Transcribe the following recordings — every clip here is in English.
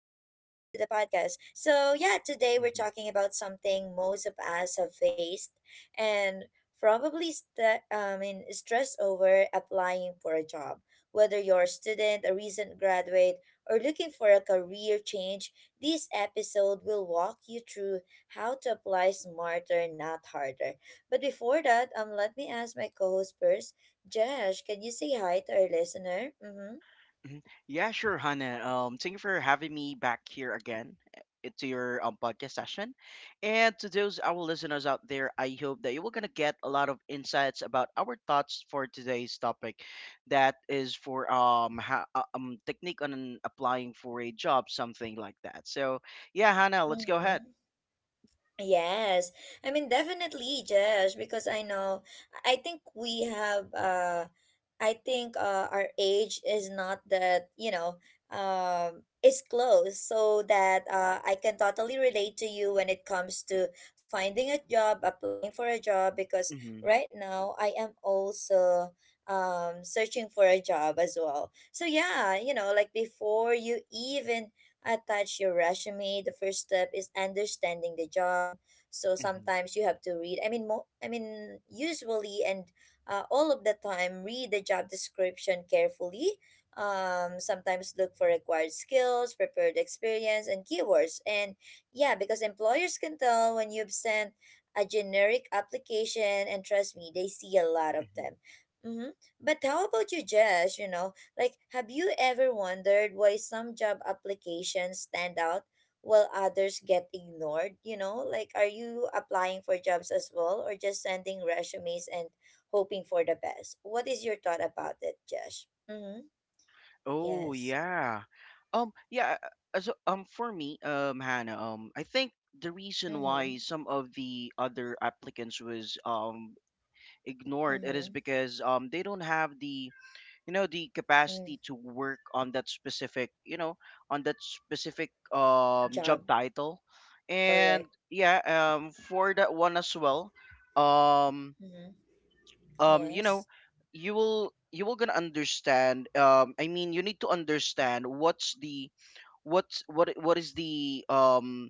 to the podcast. So, yeah, today we're Mhm. talking about something most of us have faced and probably stressed over applying for a job. Whether you're a student, a recent graduate, or looking for a career change, this episode will walk you through how to apply smarter, not harder. But before that, let me ask my co-host first. Josh, can you say hi to our listener? Mm-hmm. Mhm. Yeah, sure, Hannah. Thank you for having me back here again to your podcast session. And to those our listeners out there, I hope that you were gonna get a lot of insights about our thoughts for today's topic, that is for technique on applying for a job, something like that. So yeah, Hannah, let's go ahead. Mm-hmm. Yes, I mean definitely, Josh, because I know I think we have I think our age is not that, you know, is close so that I can totally relate to you when it comes to finding a job, applying for a job because hmm right now I am also searching for a job as well. So yeah, you know, like before you even attach your resume, the first step is understanding the job, so hmm sometimes you have to read I mean mo- I mean usually and all of the time read the job description carefully. Sometimes look for required skills, prepared experience, and keywords. And yeah, because employers can tell when you've sent a generic application, and trust me, they see a lot of hmm them. Mm-hmm. But how about you, Jess? You know, like, have you ever wondered why some job applications stand out while others get ignored? You know, like, are you applying for jobs as well, or just sending resumes and hoping for the best? What is your thought about it, Josh? Mm-hmm. Oh Yes. yeah. Um yeah, so for me, Hannah, I think the reason why Mm-hmm. some of the other applicants was ignored it is Mm-hmm. because they don't have the you know the Mm. capacity to work on that specific, you know, on that specific Job. job title. And Correct. yeah, for that one as well. Um Mm-hmm. You Yes. know, you will gonna understand, I mean, you need to understand what's the what's what I- what is the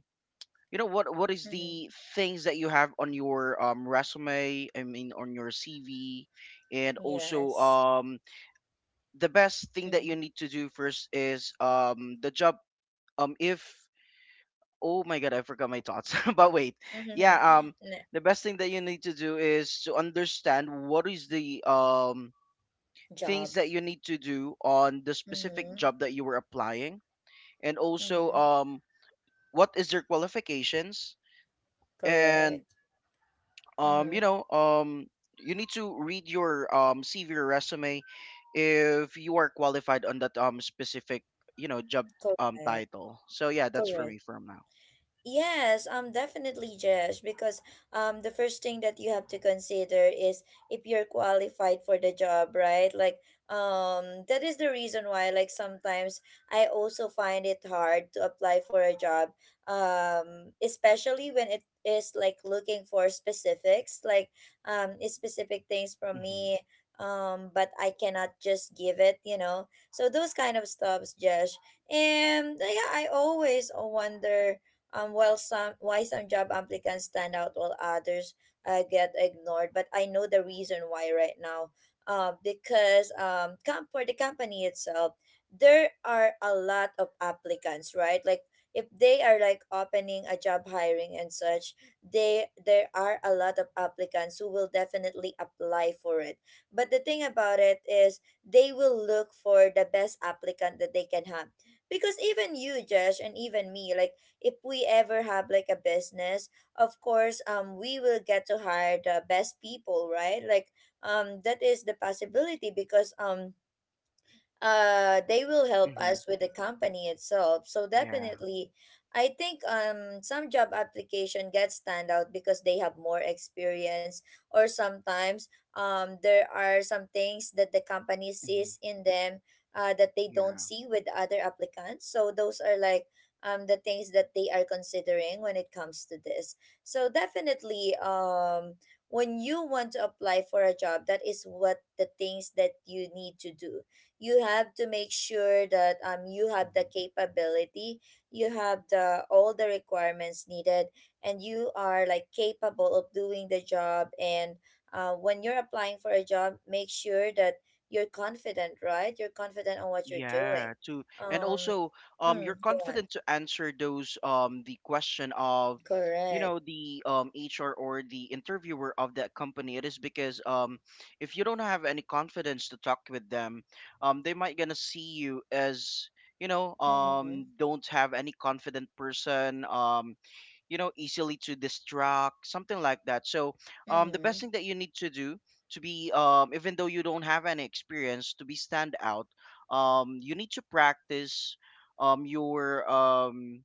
you know what is Mm-hmm. the things that you have on your resume, I mean on your CV. And also, Yes. The best thing that you Mm-hmm. need to do first is the job if oh my god, I forgot my thoughts but wait, Mm-hmm. yeah, N-. the best thing that you need to do is to understand what is the Job. things that you need to do on the specific Mm-hmm. job that you were applying. And also, Mm-hmm. What is your qualifications? And Correct. um you Mm-hmm. know um you need to read your CV or resume if you are qualified on that specific, you know, job Correct. title. So yeah, that's for Correct. me from now. Yes, definitely, Jesh, because the first thing that you have to consider is if you're qualified for the job, right? Like, that is the reason why, like, sometimes I also find it hard to apply for a job, especially when it is like looking for specifics, like, specific things from mhm me, but I cannot just give it, you know. So those kind of stuffs, Jesh, and yeah, I always wonder. While some Why some job applicants stand out while others get ignored, but I know the reason why right now. For the company itself, there are a lot of applicants, right? Like if they are like opening a job hiring and such, they there are a lot of applicants who will definitely apply for it. But the thing about it is they will look for the best applicant that they can have. Because even you, Josh, and even me, like if we ever have like a business, of course, we will get to hire the best people, right? Like, that is the possibility because they will help mhm us with the company itself. So yeah. definitely I think some job application get stand out because they have more experience, or sometimes there are some things that the company mhm sees in them that they don't yeah see with other applicants. So those are like the things that they are considering when it comes to this. So definitely, when you want to apply for a job, that is what the things that you need to do. You have to make sure that you have the mhm capability, you have the all the requirements needed, and you are like capable of doing the job. And when you're applying for a job, make sure that you're confident, right? You're confident on what you're doing. Yeah, too. And Um. also, Mm, you're go on. confident to answer those, the question of, you Correct. know, the HR or the interviewer of that company. It is because if you don't have any confidence to talk with them, they might gonna see you as, you know, Mm-hmm. Don't have any confident person. You know, easily to distract, something like that. So the best Mm-hmm. thing that you need to do to be even though you don't have any experience to be stand out, you need to practice um your um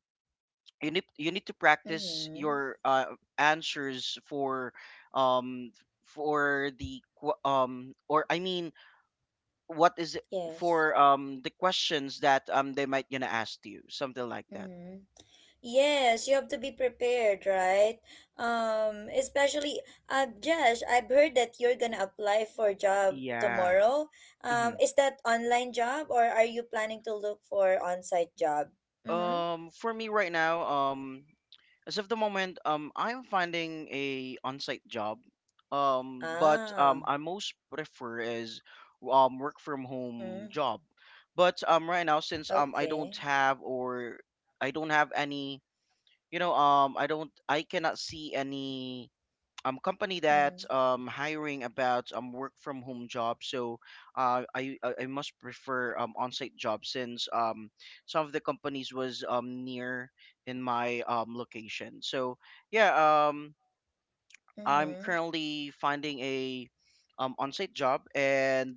you need, you need to practice Mm-hmm. your answers for, um for the qu- or I mean what is it Yes. for the questions that they might gonna ask you, something like that. Mm-hmm. Yes, you have to be prepared, right? Especially, Josh, I've heard that you're gonna apply for a job Yeah. tomorrow. Is that online job or are you planning to look for on-site job? Mm-hmm. For me right now, as of the moment, I'm finding a on-site job. But Ah. I most prefer is work from home Mm-hmm. job. But right now, since I don't Okay. have, or I don't have any, you know, I cannot see any company that's Mm-hmm. Hiring about work from home job. So I must prefer on-site job since some of the companies was near in my location. So yeah, I'm Mm-hmm. currently finding a on-site job. And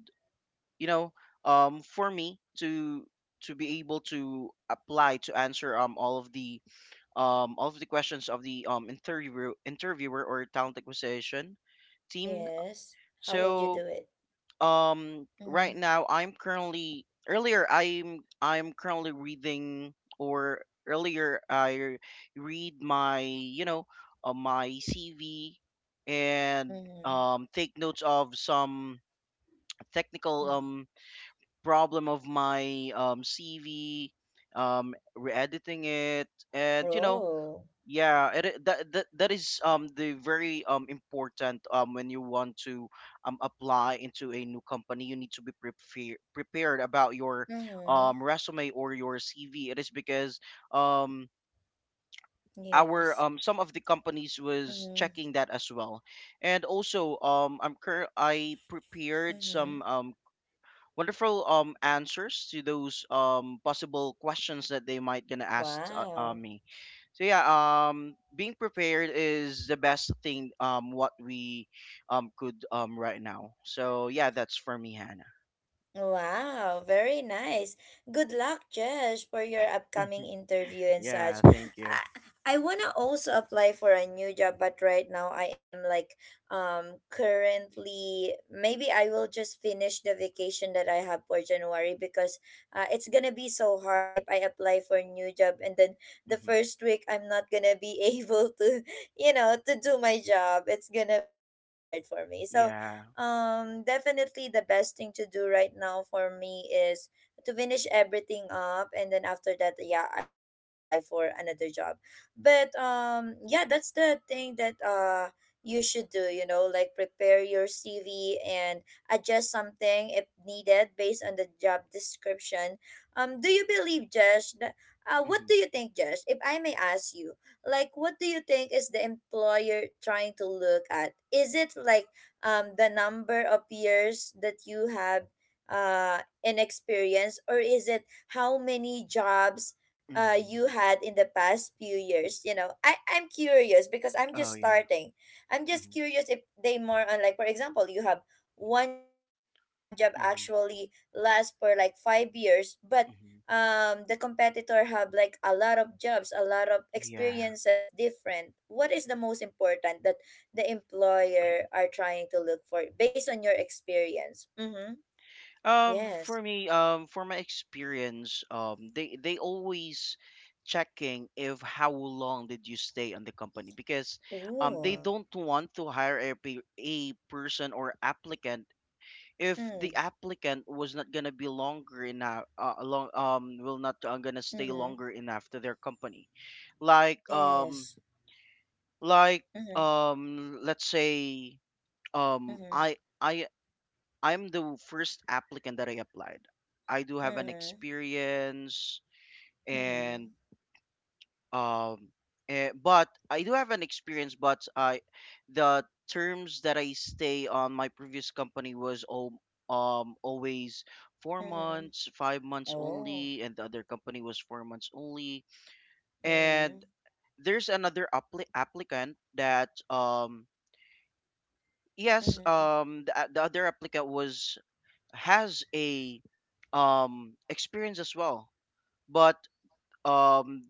you know, for me to be able to apply to answer all of the questions of the interviewer or talent acquisition team. Yes. How will you So, do it? Right Mm-hmm. now I'm currently reading, or earlier I read my, you know, my CV, and Mm-hmm. Take notes of some technical Mm. Problem of my CV, re-editing it, and you know, Oh. yeah, that that is the very important when you want to apply into a new company. You need to be prepared about your Mm-hmm. Resume or your CV. It is because um our Yes. Some of the companies was Mm-hmm. checking that as well. And also, I prepared Mm-hmm. some wonderful answers to those possible questions that they might gonna ask, Wow. me. So yeah, being prepared is the best thing what we could right now. So yeah, that's for me, Hannah. Wow, very nice. Good luck, Jesh, for your upcoming interview and Yeah, such. thank you. I wanna also apply for a new job, but right now I am like currently maybe I will just finish the vacation that I have for January, because it's gonna be so hard if I apply for a new job and then the hmm first week I'm not gonna be able to, you know, to do my job. It's gonna be hard for me. So yeah definitely the best thing to do right now for me is to finish everything up, and then after that, yeah, I will apply for another job. But yeah, that's the thing that you should do, you know, like prepare your CV and adjust something if needed based on the job description. Do you believe, Josh, that, what hmm do you think, Josh, if I may ask you, like, what do you think is the employer trying to look at? Is it like the number of years that you have in experience, or is it how many jobs you hmm had in the past few years? You know, I'm curious because I'm just oh yeah. starting. I'm just hmm curious if they more on, like, for example, you have one job and that one job hmm actually lasts for like 5 years, but hmm the competitor have like a lot of jobs, a lot of yeah, experiences, different. What is the most important that the employer are trying to look for based on your experience? Mm-hmm. Yes. for me, for my experience, they always checking if how long did you stay on the company. Because Ooh. they don't want to hire a a person or applicant if Mm. the applicant was not gonna be longer enough, will not gonna stay Mm-hmm. longer enough to their company. Like, um, Yes. like, Mm-hmm. Let's say, um, Mm-hmm. I, I, I'm the first applicant that I applied. I do have an Mm-hmm. experience. Mm-hmm. And um eh, but I do have an experience but I the terms that I stay on my previous company was all always four Mm-hmm. months 5 months Oh. only, and the other company was 4 months only. And Mm-hmm. there's another applicant that, yes Mm-hmm. The other applicant was has a experience as well, but um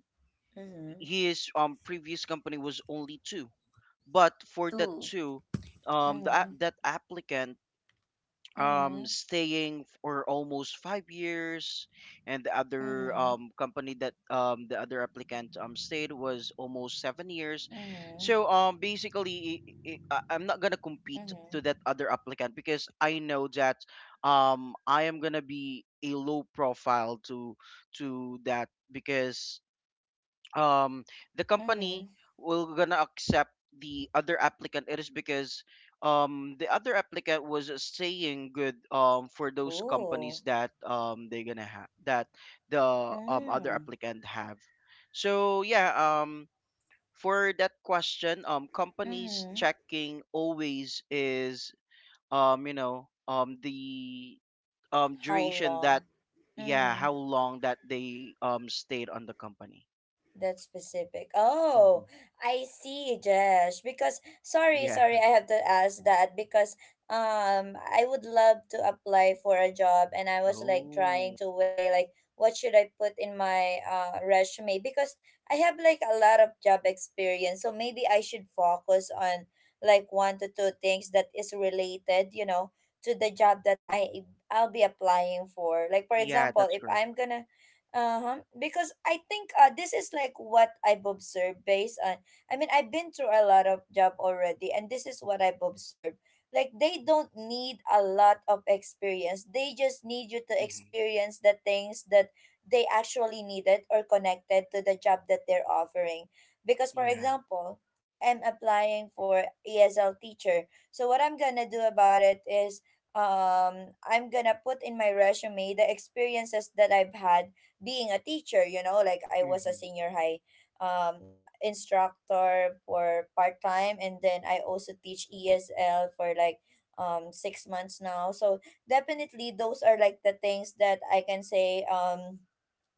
Mm-hmm. his previous company was only two. But for that Two. two, Mm-hmm. that applicant Mm-hmm. staying for almost 5 years, and the other Mm-hmm. Company that the other applicant stayed was almost 7 years. Mm-hmm. So basically, I'm not gonna compete to Mm-hmm. that other applicant because I know that I am gonna be a low profile to that because um the Mm-hmm. company will gonna accept the other applicant. It is because the other applicant was, saying good for those Ooh. companies that they're gonna have that the other Mm. applicant have. So yeah, for that question, companies Mm-hmm. checking always is you know the How duration that long? yeah, Mm-hmm. how long that they stayed on the company. That's specific. Oh, hmm I see, Jesh. Because sorry, yeah. sorry, I have to ask that because I would love to apply for a job and I was like trying Oh, to weigh like what should I put in my resume, because I have like a lot of job experience. So maybe I should focus on like one to two things that is related, you know, to the job that I'll be applying for. Like for yeah, example, that's if correct. I'm going to, uh-huh, because I think this is like what I've observed based on, I mean, I've been through a lot of job already, and this is what I've observed. Like, they don't need a lot of experience, they just need you to Mm-hmm. experience the things that they actually needed or connected to the job that they're offering. Because for Yeah. example, I am applying for ESL teacher, so what I'm gonna do about it is I'm gonna put in my resume the experiences that I've had being a teacher, you know, like I was a Mm-hmm. senior high um instructor for part-time, and then I also teach ESL for like 6 months now. So definitely those are like the things that I can say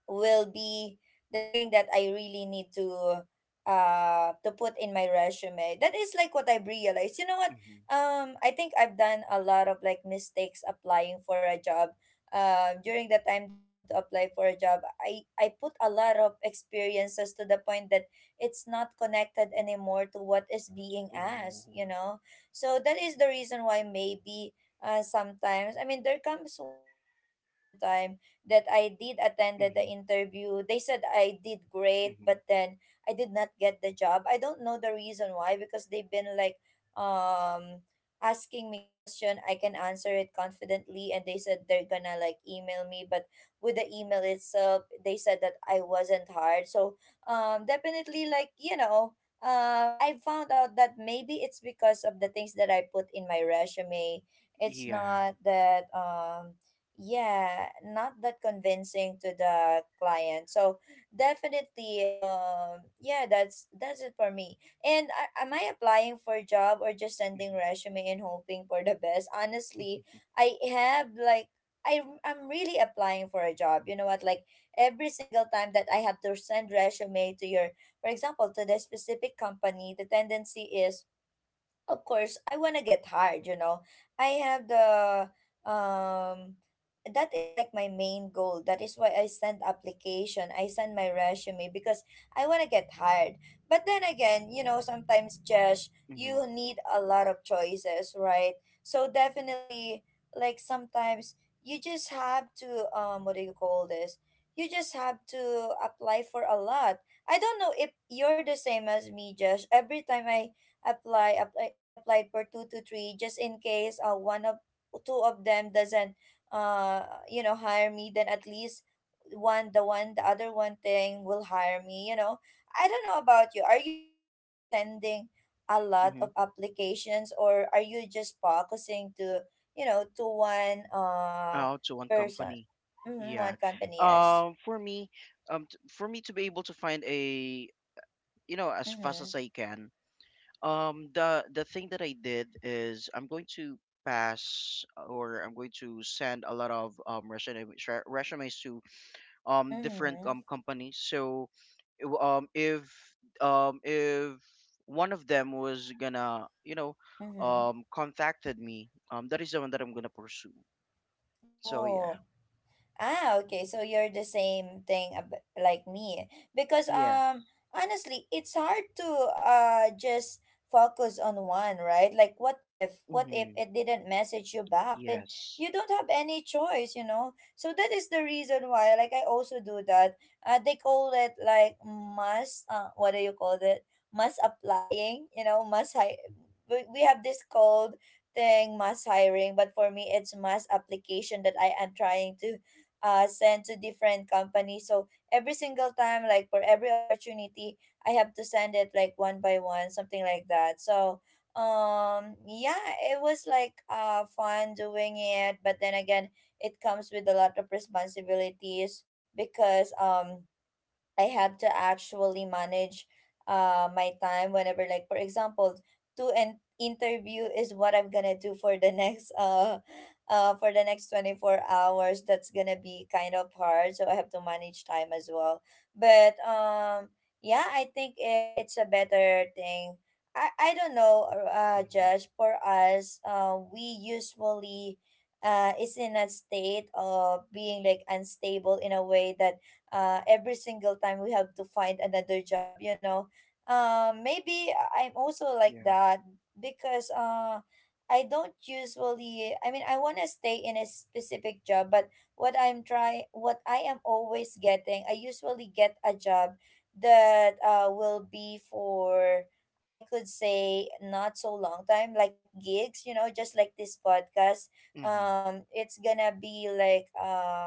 will be the thing that I really need to put in my resume. That is like what I've realized. You know what? Mm-hmm. I think I've done a lot of like mistakes applying for a job. During the time that I have to apply for a job, I put a lot of experiences to the point that it's not connected anymore to what is being asked, you Oh. know? So that is the reason why maybe sometimes, I mean, there comes one time only, one time that I did attended the Mm-hmm. interview. They said I did great, but Mm-hmm. then I did not get the job. I don't know the reason why, because they've been like um asking me question. I can answer it confidently and they said they're gonna like email me, but with the email itself, they said that I wasn't hired. So definitely like, you know, I found out that maybe it's because of the things that I put in my resume. It's Yeah. not that yeah, not that convincing to the client. So definitely, yeah, that's it for me. And am I applying for a job, or just sending Mm-hmm. resume and hoping for the best, honestly? I have like, I'm really applying for a job, you know what, like every single time that I have to send resume to your, for example to the specific company, the tendency is of course I want to get hard, you know. I have the. um that is like my main goal, that is why I send application, I send my resume, because I want to get hired. But then again, sometimes, Josh, Mm-hmm. you need a lot of choices, right? So definitely, like sometimes you just have to, what do you call this, you just have to apply for a lot. I don't know if you're the same as me, Josh. Every time I apply, apply I applied for two to three, just in case one of two of them doesn't, uh hire me, then at least one the other one thing will hire me, you know. I don't know about you. Are you also like sending a lot Mm-hmm. of applications, or are you just focusing to, you know, to one, Oh, to one person? company. Mm-hmm, one Yeah. company, yes. For me, for me to be able to find a, you know, as fast Mm-hmm. as I can. The thing that I did is I'm going to pass, or I'm going to send a lot of resumes to different Mm-hmm. Companies. So w- um if if one of them was gonna, you know, Mm-hmm. Contacted me, that is the one that I'm gonna pursue. So yeah. Oh. Ah, okay. So you're the same thing like me, because Yes. Honestly, it's hard to, just focus on one, right? Like, what if Mm-hmm. it didn't message you back? Then Yes. you don't have any choice, you know? So that is the reason why, like I also do that. They call it like must, what do you call it? Must applying, you know, must we have this called thing, mass hiring, but for me it's mass application that I am trying to, send to different companies. So every single time, like for every opportunity, I have to send it like one by one, something like that. So yeah, it was like fun doing it, but then again, it comes with a lot of responsibilities, because I have to actually manage, my time whenever, like, for example, to an interview is what I'm gonna do for the next for the next 24 hours. That's gonna be kind of hard, so I have to manage time as well. But yeah, I think it's a better thing. I don't know, Mm-hmm. Josh, for us, we usually, is in a state of being like unstable in a way that, every single time we have to find another job, you know. Maybe I'm also like Yeah. that, because I don't usually, I mean, I want to stay in a specific job, but what I am always getting, I usually get a job that will be for, I could say not so long time, like gigs, you know, just like this podcast. Mm-hmm. It's gonna be like,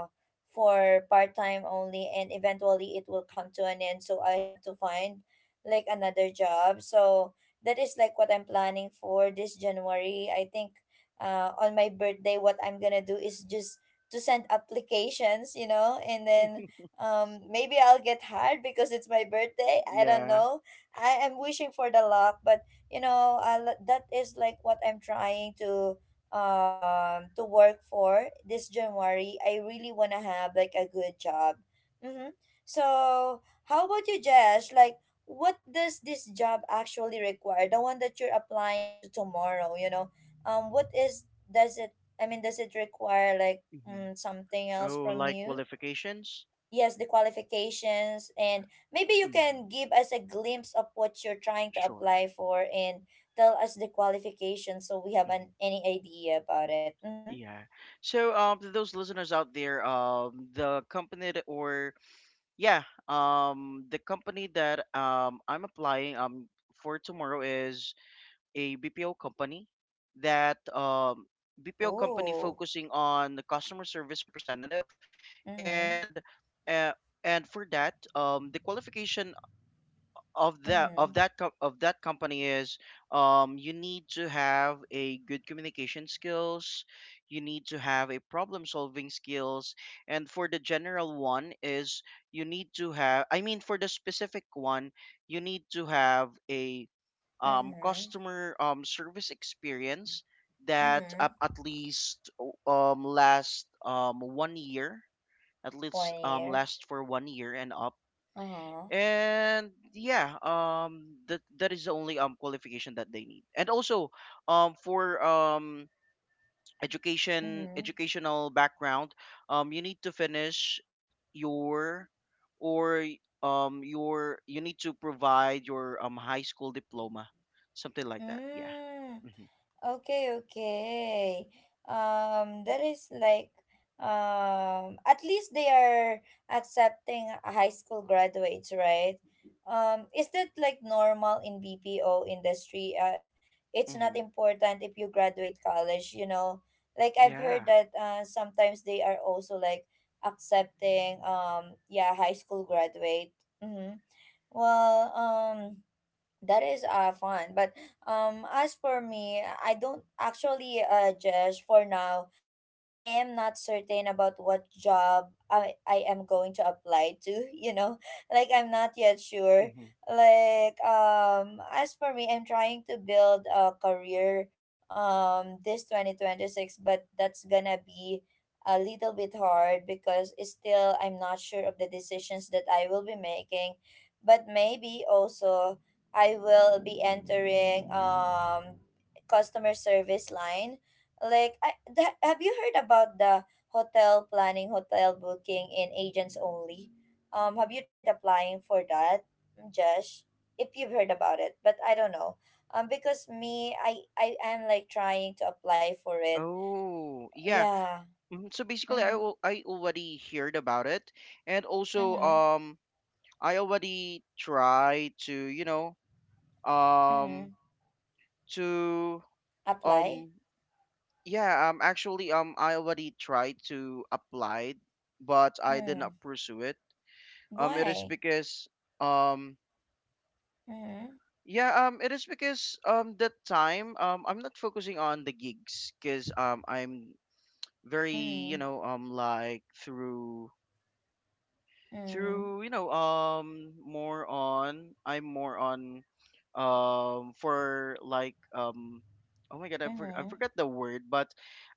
for part time only, and eventually it will come to an end, so I have to find like another job. So that is like what I'm planning for this January. I think, on my birthday, what I'm going to do is just to send applications, you know, and then, maybe I'll get hired because it's my birthday. I don't Yeah. know. I am wishing for the luck, but you know, that is like what I'm trying to, to work for this January. I really wanna have like a good job. Mm-hmm. So how about you, Jesh? Like what does this job actually require? The one that you're applying to tomorrow, you know? What is, does it, I mean, does it require like, Mm-hmm. Something else Oh, from like you? qualifications. Yes, the qualifications, and maybe you Mm-hmm. can give us a glimpse of what you're trying to Sure. apply for and tell us the qualifications, so we have hmm an any idea about it. Mm-hmm. yeah. So to those listeners out there, the company that- or yeah, the company that, I'm applying, for tomorrow is a BPO company that, BPO company Ooh. focusing on the customer service representative. Mm-hmm. And uh, and for that, the qualification Mm-hmm. of that co- of that company is, you need to have a good communication skills, you need to have a problem solving skills. And for the general one is, you need to have I mean for the specific one, you need to have a Mm-hmm. customer service experience that Mm-hmm. At least last 1 year, at least one year last for 1 year and up. Uh-huh. And yeah, that is the only qualification that they need. And also, for education, Mm-hmm. educational background, you need to finish your, or your, you need to provide your high school diploma, something like that. Yeah. Mm. hmm Okay, okay. That is like, at least they are accepting high school graduates, right? Is that like normal in BPO industry? It's not Mm-hmm. important if you graduate college, you know. Like, I've heard Yeah. that, sometimes they are also like accepting, yeah, high school graduate. Mm-hmm. Well, that is, fun. But as for me, I don't actually, Jesh, for now, I am not certain about what job I am going to apply to, you know? Like, I'm not yet sure. Mm-hmm. Like, as for me, I'm trying to build a career, this 2026, but that's gonna be a little bit hard, because it's still, I'm not sure of the decisions that I will be making, but maybe also I will be entering customer service line. Like I that, have you heard about the hotel planning, hotel booking in agents only? Have you tried applying for that, Josh? If you've heard about it, but I don't know. Because me, I am like trying to apply for it. Oh, yeah. Yeah. Mhm. So basically, Mhm. I already heard about it. And also, Mhm. I already try to, you know, Mhm. um to Apply? um yeah actually, I already tried to apply, but I did Mm. not pursue it. It is Why? because um. Mhm. Yeah, it is because that time, I'm not focusing on the gigs because I'm very, you Mhm. know, like through Mhm. through you know more on I'm more on for like um oh my god, I Mhm. forgot the word. But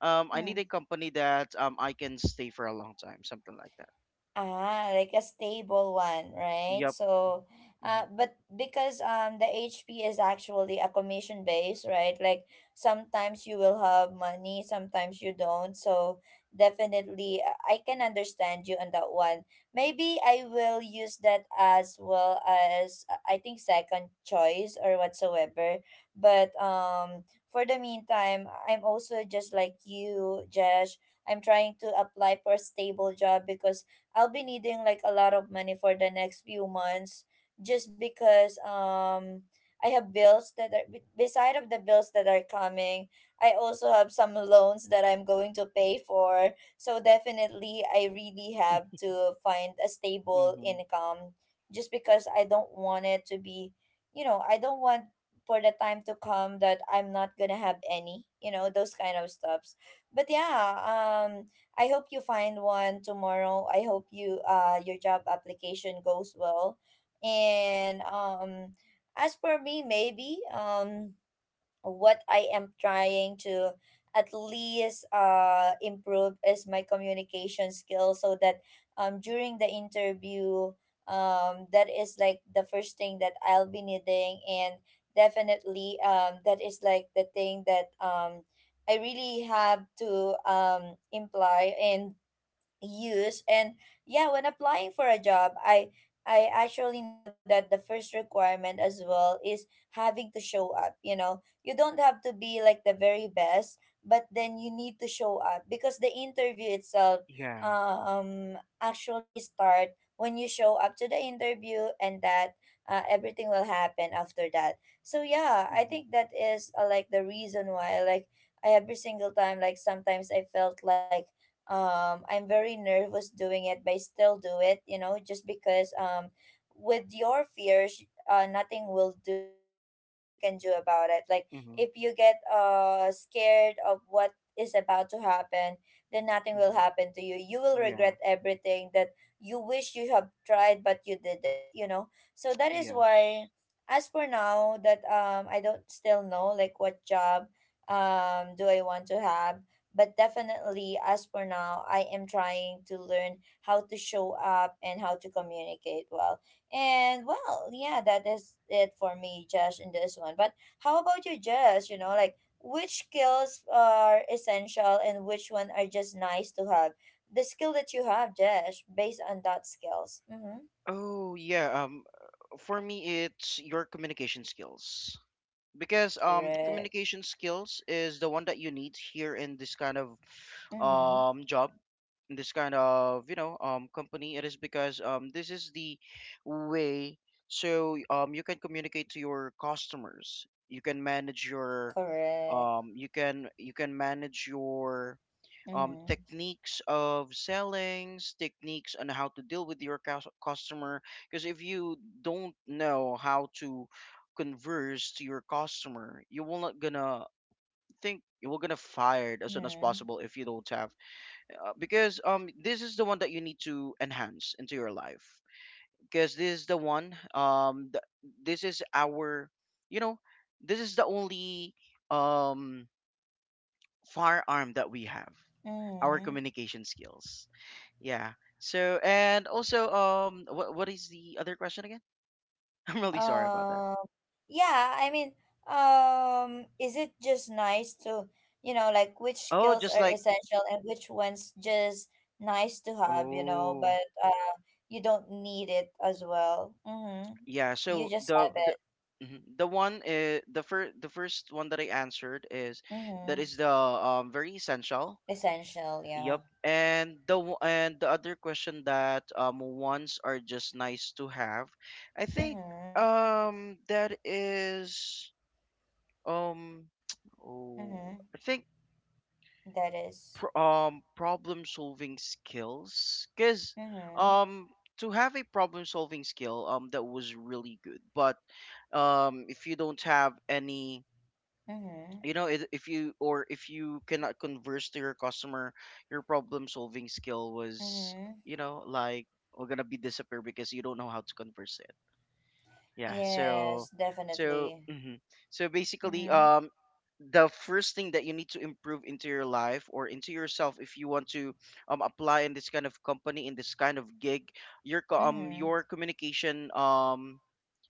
I need a Mhm. company that I can stay for a long time, something like that. Ah, like a stable one, right? Yep. So, mhm but because the HP is actually a commission base, right? Like sometimes you will have money, sometimes you don't. So definitely, I can understand you on that one. Maybe I will use that as well as, I think second choice or whatsoever. But for the meantime, I'm also just like you, Josh. I'm trying to apply for a stable job because I'll be needing like a lot of money for the next few months, just because I have bills that are beside of the bills that are coming. I also have some loans that I'm going to pay for. So definitely I really have to find a stable mhm income, just because I don't want it to be, you know, I don't want for the time to come that I'm not gonna have any, you know, those kind of stuffs. But yeah, um, I hope you find one tomorrow. I hope you, your job application goes well. And as for me, maybe what I am trying to at least improve is my communication skills, so that during the interview, that is like the first thing that I'll be needing. And definitely that is like the thing that I really have to imply and use. And yeah, when applying for a job, I actually know that the first requirement as well is having to show up, you know. You don't have to be like the very best, but then you need to show up, because the interview itself yeah. Actually start when you show up to the interview, and that, everything will happen after that. So yeah, I mhm think that is, like the reason why, like every single time, like sometimes I felt like, I'm very nervous doing it, but I still do it, you know, just because, with your fears, nothing will do, nothing you can do about it, like, mhm if you get scared of what is about to happen, then nothing will mhm happen to you. You will regret yeah. everything that you wish you have tried, but you didn't, you know. So that is Yes. why, as for now that I don't still know like what job do I want to have, but definitely, as for now, I am trying to learn how to show up and how to communicate well. And well, yeah, that is it for me, Josh, in this one. But how about you, Josh? You know, like which skills are essential and which one are just nice to have? The skill that you have, Josh, based on that skills. Mm-hmm. Oh yeah, for me, it's your communication skills. Because the Correct. communication skills is the one that you need here in this kind of Mm-hmm. Job, in this kind of, you know, company. It is because this is the way. So you can communicate to your customers, you can manage your Correct. You can manage your, Mm-hmm. techniques of sellings, techniques on how to deal with your customer. Because if you don't know how to converse to your customer, you will not gonna think, you will gonna fired as soon as Mm-hmm. possible if you don't have. Because this is the one that you need to enhance into your life, because this is the one this is our, you know, this is the only um firearm that we have, our Mm-hmm. communication skills. Yeah. So and also what is the other question again? I'm really sorry about that. Um Yeah, I mean, is it just nice to, you know, like which Oh, skills just are like essential and which ones just nice to have, you know, oh but you don't need it as well. Mm-hmm. yeah. You So just the have the it. mhm, the one the first one that I answered is that Mm-hmm. is the very essential. Essential, yeah. Yep. And the other question that wants are just nice to have. I think Mm-hmm. That is um oh Mm-hmm. I think That is. Problem solving skills because Mm-hmm. um to have a problem solving skill that was really good but if you don't have any Mm-hmm. you know if you or if you cannot converse to your customer your problem solving skill was Mm-hmm. you know like we're gonna be disappear because you don't know how to converse yeah, Yes, so so definitely. mhm. So basically Mm-hmm. The first thing that you need to improve into your life or into yourself if you want to apply in this kind of company in this kind of gig your Mm-hmm. your communication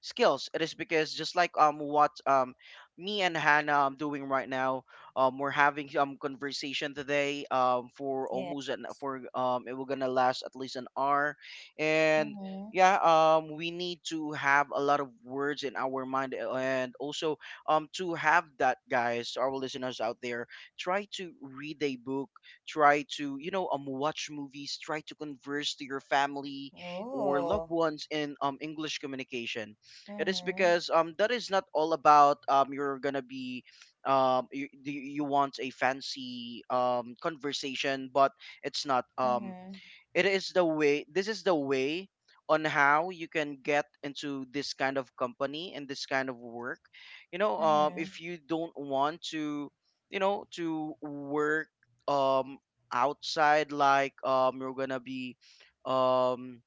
skills it is because just like what me and Hannah doing right now we're having conversation today for Yeah. almost an for it will gonna last at least an hour and Mm-hmm. yeah we need to have a lot of words in our mind eh, and also to have that guys our listeners out there try to read a book try to watch movies try to converse to your family or Ooh. loved ones in english communication it is Mm-hmm. because that is not all about you're gonna be um you want a fancy conversation but it's not Mm-hmm. it is the way this is the way on how you can get into this kind of company and this kind of work you know Mm-hmm. if you don't want to you know to work um outside like you're gonna be um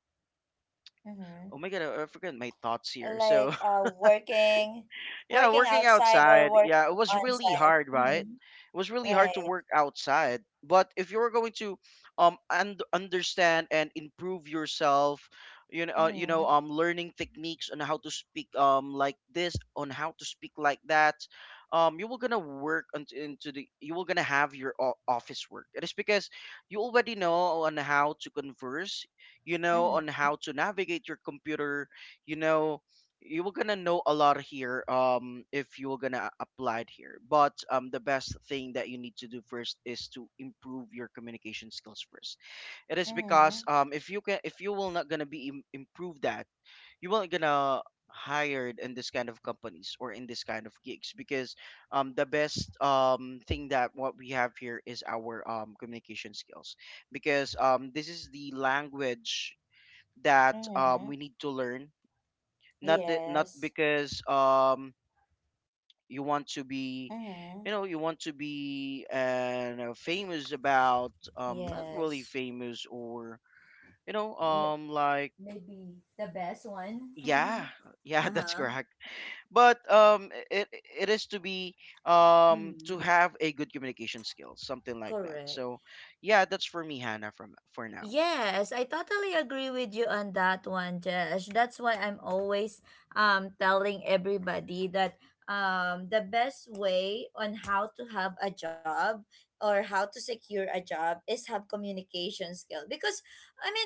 Mm-hmm. oh my god I forgot my thoughts here so Like, working, yeah, working working outside, or outside. working Yeah, it was on really site. hard, right? Mm-hmm. It was really hard to Right. work outside. But if you're going to and understand and improve yourself, Mm-hmm. Learning techniques on how to speak like this, on how to speak like that, you will gonna work you will gonna have your office work. It is because you already know on how to converse, you know, on Mm-hmm. how to navigate your computer, you know you were gonna know a lot here if you were gonna apply it here but the best thing that you need to do first is to improve your communication skills first it is because Mm-hmm. If you can if you will not gonna be improve that you will not gonna hired in this kind of companies or in this kind of gigs because the best thing that what we have here is our communication skills because this is the language that Mm-hmm. we need to learn not Yes. because you want to be Mm-hmm. you know you want to be and famous about not really Yes. famous or you know M- like Maybe the best one. yeah yeah that's Uh-huh. correct but it it is to be to Mm-hmm. have a good communication skills something like that Correct. so yeah that's for me Hannah from for now. Yes, I totally agree with you on that one, Josh. That's why I'm always telling everybody that the best way on how to have a job or how to secure a job is have communication skill, because I mean,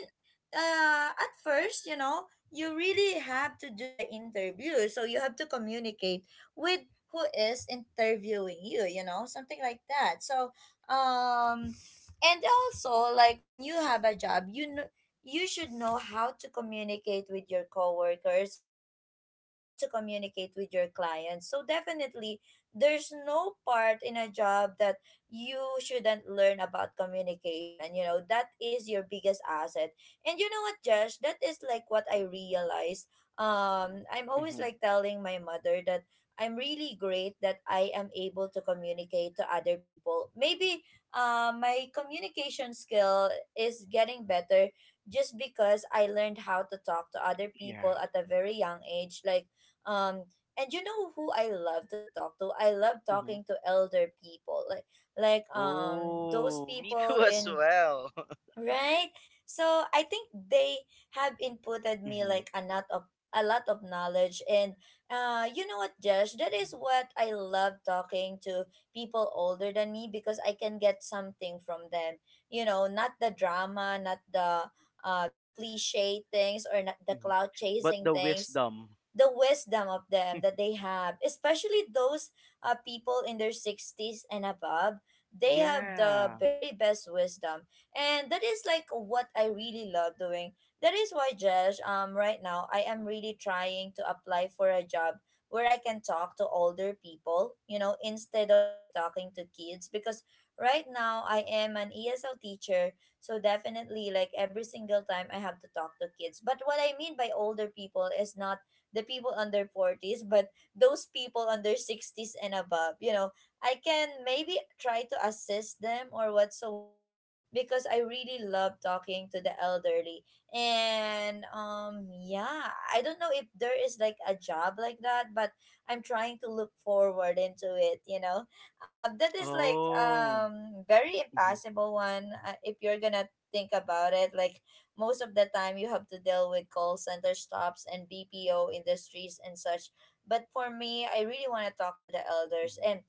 at first, you know, you really have to do the interview. So you have to communicate with who is interviewing you, you know, something like that. So um and also, like when you have a job, you know, you should know how to communicate with your coworkers, you should know how to communicate with your clients, so definitely there's no part in a job that you shouldn't learn about communication, you know. That is your biggest asset. And you know what, Josh, that is like what I realized. I'm always Hmm. like telling my mother that I'm really great that I am able to communicate to other people. Maybe, my communication skill is getting better, just because I learned how to talk to other Yeah. people at a very young age. Like, um, and you know who I love to talk to? I love Hmm. talking to elder people, like those Oh, me people too as in. well. Right? So I think they have inputted me Hmm. like a lot of knowledge and you know what, Josh, that is what I love talking to people older than me, because I can get something from them, you know, not the drama, not the the cliche things, or not the Hmm. cloud But chasing the things. wisdom. The wisdom of them that they have, especially those people in their 60s and above, they have the Yeah. very best wisdom. And that is like what I really love doing. That is why, Jesh, right now I am really trying to apply for a job where I can talk to older people, you know, instead of like talking to kids. Because right now I am an ESL teacher, so definitely like every single time I have to talk to kids. But what I mean by older people is not the people under 40s, but those people under 60s and above, you know, I can maybe try to assist them or whatsoever, because I really love talking to the elderly. And yeah, I don't know if there is like a job like that, but I'm trying to look forward into it, you know. That is like Oh. Very Mhm. impossible one, if you're going to think about it, like most of the time you have to deal with call center stops and BPO industries and such. But for me, I really want to talk to the elders, Mhm. and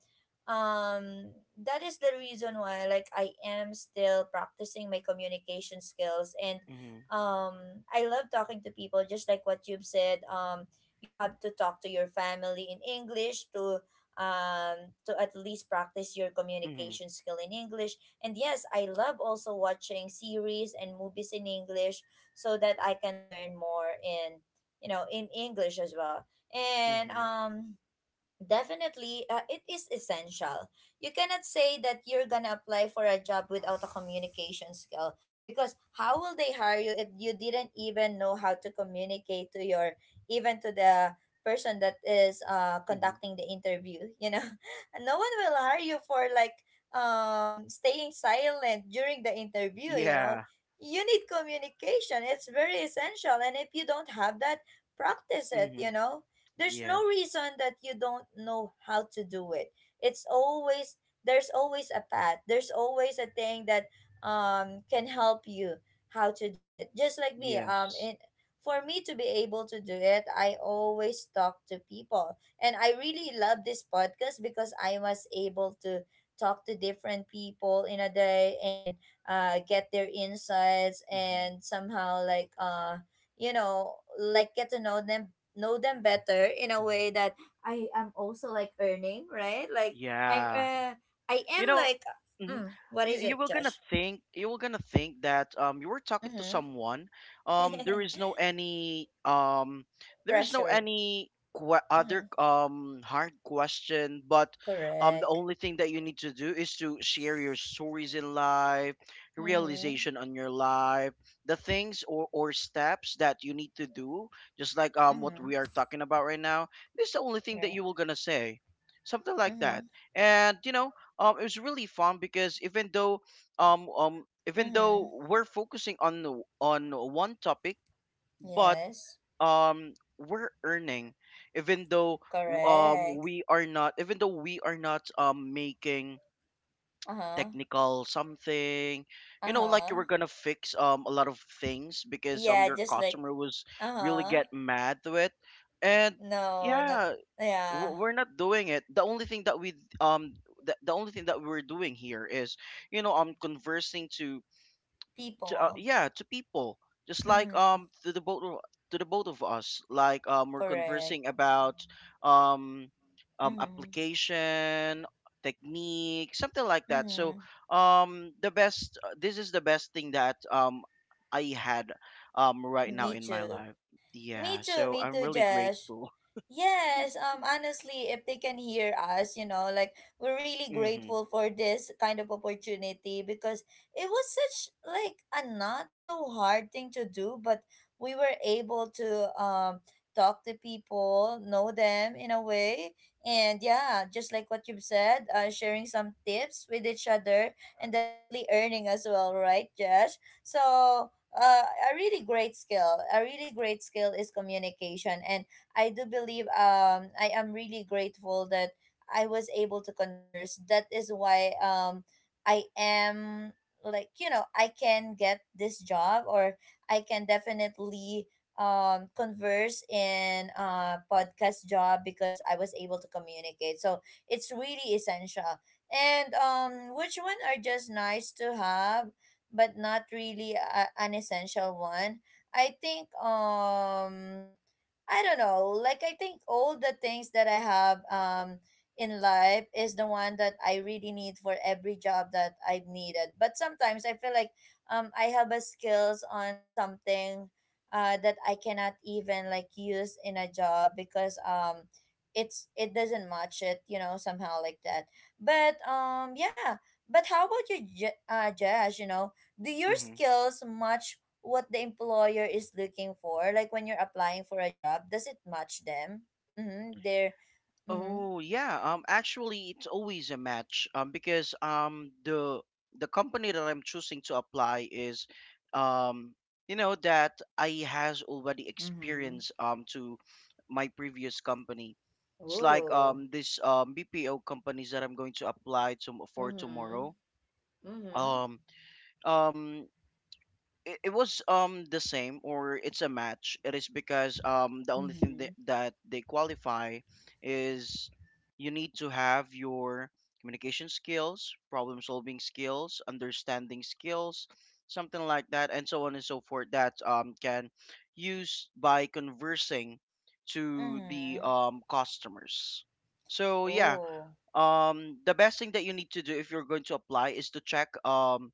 that is the reason why like I am still practicing my communication skills. And Mhm. I love talking to people just like what you've said. You have to talk to your family in English, to at least practice your Mhm. communication skill in English. And yes, I love also watching series and movies in English, so that I can learn more in, you know, in English as well. And Mhm. Definitely, it is essential. You cannot say that you're gonna apply for a job without a communication skill, because how will they hire you if you didn't even know how to communicate to your, even to the person that is Mhm. conducting the interview, you know? And no one will hire you for like staying silent during the interview, you know? Yeah. You need communication. It's very essential, and if you don't have that, practice it, you Mhm. know? There's no Yes. reason that you don't know how to do it. It's always, there's always a path, there's always a thing that can help you how to do it, just like me, Yes. in, for me to be able to do it, I always talk to people. And I really love this podcast because I was able to talk to different people in a day, and get their insights Mhm. and somehow like you know, like get to know them, know them better in a way, Mhm. that I am also like earning, right? Like I'm Yeah. I am You know like mhm, what is you it, were gonna Josh? think you were gonna think that you were talking to Mm-hmm. someone there is no any there is no Pressure. any Mm-hmm. other hard question but the Correct. only thing that you need to do is to share your stories in life your Mm-hmm. realization on your life the things or steps that you need to do just like what we Mm-hmm. are talking about right now this is the only thing that you Correct. were gonna say something like that Mm-hmm. and you know it was really fun because even Mm-hmm. though we're focusing on on one topic, but Yes. um we're earning, even though Correct. we are not even though we are not making Uh-huh. technical something you know like you Uh-huh. were gonna fix a lot of things because Yeah, your just like customer was really uh-huh. get mad to it and No, no, yeah yeah. We're not doing it the only thing that we um the only thing that we're doing here is you know conversing to People. yeah to people just like Mm-hmm. To the both of- to the both of us like we're Correct. conversing about um Mm-hmm. application technique something like that so Mm-hmm. The best this is the best thing that I had right now Me in my too. life Me yeah too, so me I'm too, really Josh. grateful. Yes, honestly, if they can hear us, you know, like we're really Hmm. grateful for this kind of opportunity, because it was such like a not so hard thing to do, but we were able to talk to people, know them in a way, and yeah, just like what you've said, sharing some tips with each other, and definitely earning as well, right, Josh? So, uh, a really great skill is communication. And I do believe I am really grateful that I was able to converse. That is why I am, like, you know, I can get this job, or I can definitely converse in a podcast job because I was able to communicate. So it's really essential. And which one are just nice to have but not really a, an essential one? I think I don't know. Like, I think all the things that I have in life is the one that I really need for every job that I've needed. But sometimes I feel like I have a skills on something that I cannot even like use in a job because it doesn't match it, you know, somehow like that. But yeah. But how about you, Josh? You know, do your Hmm. skills match what the employer is looking for? Like when you're applying for a job, does it match them? Mm-hmm. They're mm-hmm. Oh yeah, actually it's always a match because um the company that I'm choosing to apply is um you know that I has already Mm-hmm. experience to my previous company. It's like Oh. This BPO companies that I'm going to apply to for Mm-hmm. tomorrow. Mm-hmm. Um um it was the same or it's a match it is because the only thing Mm-hmm. that they qualify is you need to have your communication skills problem solving skills understanding skills something like that and so on and so forth that can use by conversing to the Mm-hmm. Customers so yeah Oh. The best thing that you need to do if you're going to apply is to check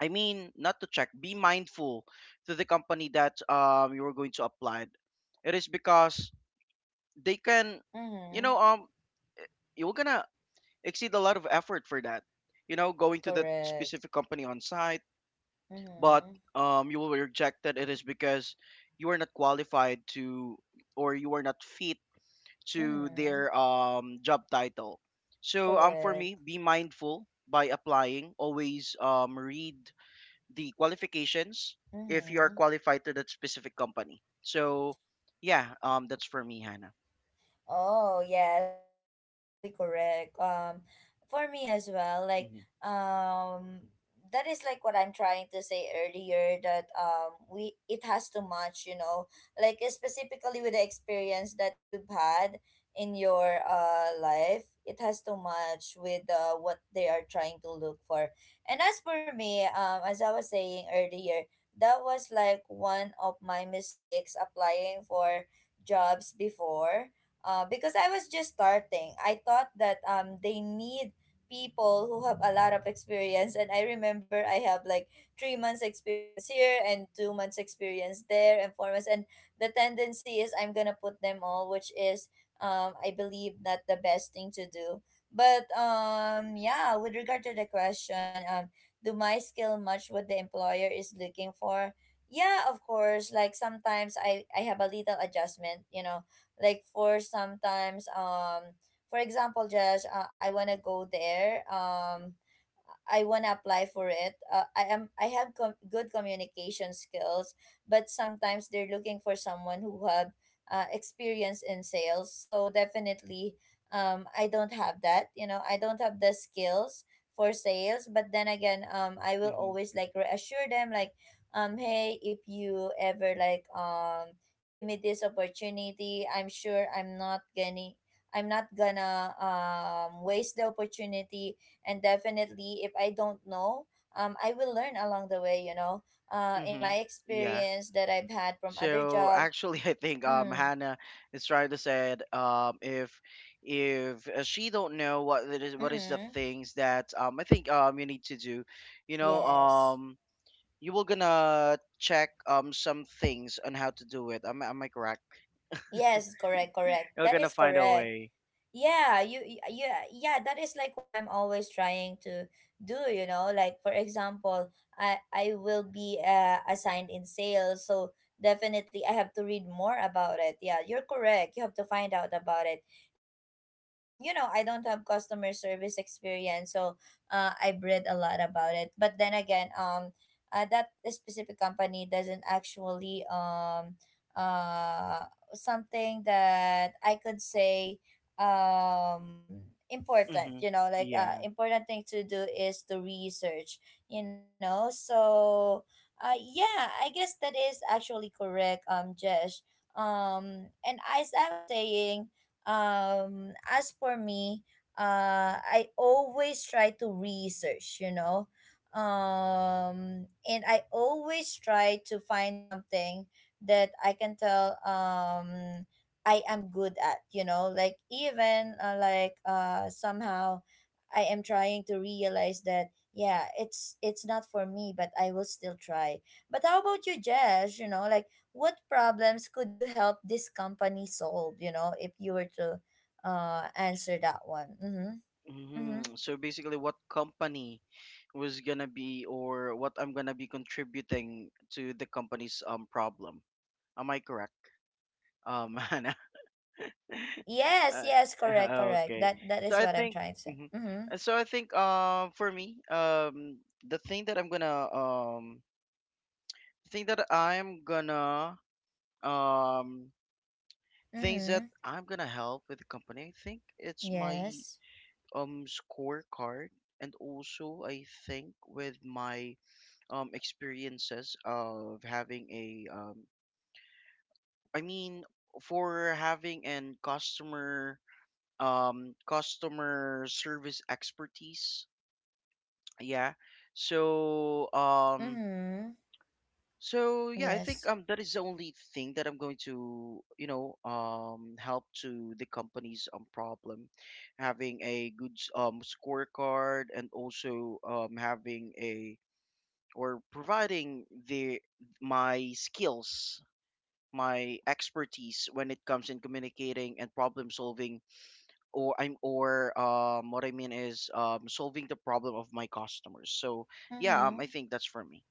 I mean, not to check, be mindful to the company that you are going to apply. It is because they can, you Mm-hmm. know, you're gonna exceed a lot of effort for that. You know, going to that Correct. specific company on site, but Mm-hmm. You will be rejected. It is because you are not qualified to, or you are not fit to Mm-hmm. their job title. So for Correct. me, be mindful by applying. Always read the qualifications if you are Mm-hmm. qualified to that specific company. So, yeah, that's for me, Hannah. Oh, yes. That is actually correct. For me as well, like, Mm-hmm. um, that is like what I'm trying to say earlier, that we, it has to match, you know, like specifically with the experience that you've had in your life, it has to match with, what they are trying to look for. And as for me, as I was saying earlier, that was like one of my mistakes applying for jobs before, because I was just starting. I thought that they need people who have a lot of experience, and I remember I have like 3 months experience here and 2 months experience there and 4 months, and the tendency is I'm gonna put them all, which is I believe not the best thing to do. But yeah, with regard to the question, do my skill match what the employer is looking for? Yeah, of course. Like sometimes I have a little adjustment, you know, like for sometimes for example, Josh, I want to go there, I want to apply for it. I have good communication skills, but sometimes they're looking for someone who have experience in sales. So definitely I don't have that. You know, I don't have the skills for sales, but then again, I will Mm-hmm. always like reassure them, like hey, if you ever like give me this opportunity, I'm sure I'm not gonna waste the opportunity. And definitely if I don't know, I will learn along the way, you know, in Hmm. my Yeah. experience that I've had from other So job. actually, I think mm, Hannah is trying to say if she don't know what it is what is the mm, things that I think you need to do, you know yes, you will gonna check some things on how to do it. Am I correct? yes, correct, correct, You're that gonna is find a correct. way. Yeah, yeah, that is like what I'm always trying to do, you know, like for example, I will be assigned in sales, so definitely I have to read more about it. Yeah, you're correct, you have to find out about it. And you know, I don't have customer service experience, so I've read a lot about it, but then again, that specific company doesn't actually uh something that I could say, um important, Mm-hmm. you know, like, Yeah. important thing to do is to research, you know. So yeah, I guess that is actually correct, Jesh. And as I was saying, as for me, I always try to research, you know, and I always try to find something that I can tell I am good at, you know, like even, like somehow I am trying to realize that yeah, it's not for me, but I will still try. But how about you, Jess? You know, like what problems could you help this company solve, you know, if you were to answer that one? Mhm. Mhm. Mm-hmm. So basically, what company was gonna be, or what I'm gonna be contributing to the company's problem? Am I correct, Hannah? Yes, yes, correct, correct. okay. That that So is I what I'm think, trying to say. mhm. Mhm. So I think, for me, the thing that I'm gonna, thing that I'm gonna, um, things that Mhm. I'm gonna help with the company. I think it's my Yes. Scorecard and also I think with my experiences of having a I mean for having an customer customer service expertise yeah so Mhm. so yeah, I think Yes. That is the only thing that I'm going to, you know, help to the company's problem, having a good scorecard and also having a or providing the my skills, my expertise when it comes in communicating and problem solving or I'm or what I mean is solving the problem of my customers. So yeah, I Mhm. think that's for me.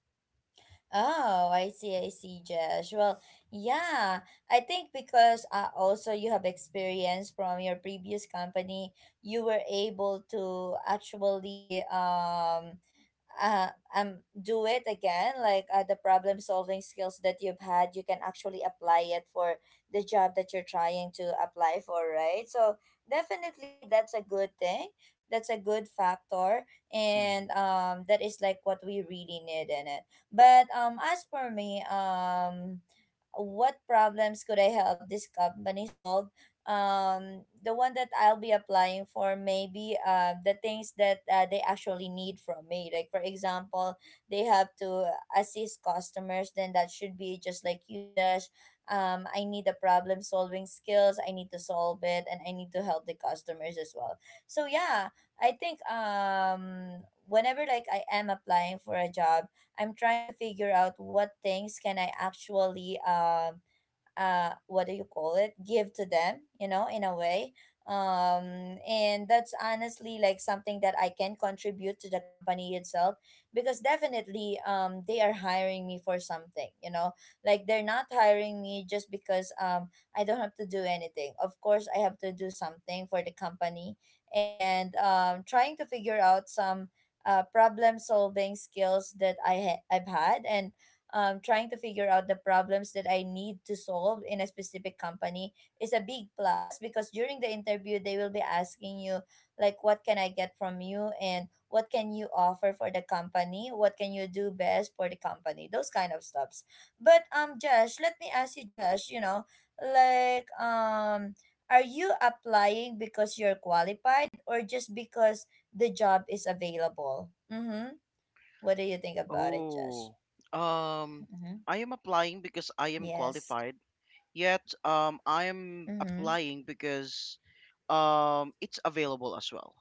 Oh, I see, Josh. Well, yeah, I think because also you have experience from your previous company, you were able to actually uh, do it again. Like, the problem solving skills that you've had, you can actually apply it for the job that you're trying to apply for, right? So definitely, that's a good thing. That's a good factor, and Hmm. That is like what we really need in it. But as for me, what problems could I help this company solve? The one that I'll be applying for maybe the things that, they actually need from me. Like for example, they have to assist customers. Then that should be just like you, Josh. I need the problem solving skills. I need to solve it, and I need to help the customers as well. So yeah, I think whenever like I am applying for a job, I'm trying to figure out what things can I actually what do you call it, give to them, you know, in a way, and that's honestly like something that I can contribute to the company itself, because definitely they are hiring me for something, you know. Like they're not hiring me just because I don't have to do anything. Of course I have to do something for the company, and trying to figure out some problem solving skills that I've had, and trying to figure out the problems that I need to solve in a specific company is a big plus, because during the interview, they will be asking you, like, what can I get from you and what can you offer for the company? What can you do best for the company? Those kind of stuffs. But, Josh, let me ask you, Josh, you know, like, are you applying because you're qualified or just because the job is available? Mm-hmm. What do you think about it, Josh? Oh, um, Mm-hmm. I am applying because I am Yes. qualified. Yet, I am Mhm. applying because it's available as well.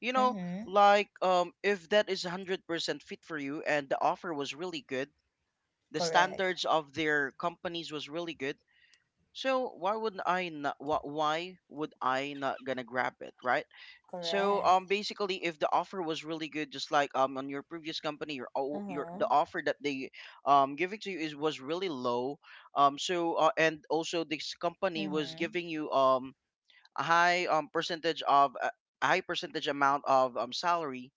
You know, Mhm. like if that is 100% fit for you and the offer was really good, the Correct. standards of their companies was really good. So why would I not? Why would I not gonna grab it, right? So Correct. basically, if the offer was really good, just like on your previous company, your Uh, o- your the mhm. offer that they giving to you is was really low. And also, this company was Mhm. giving you a high percentage of, a high percentage amount of salary,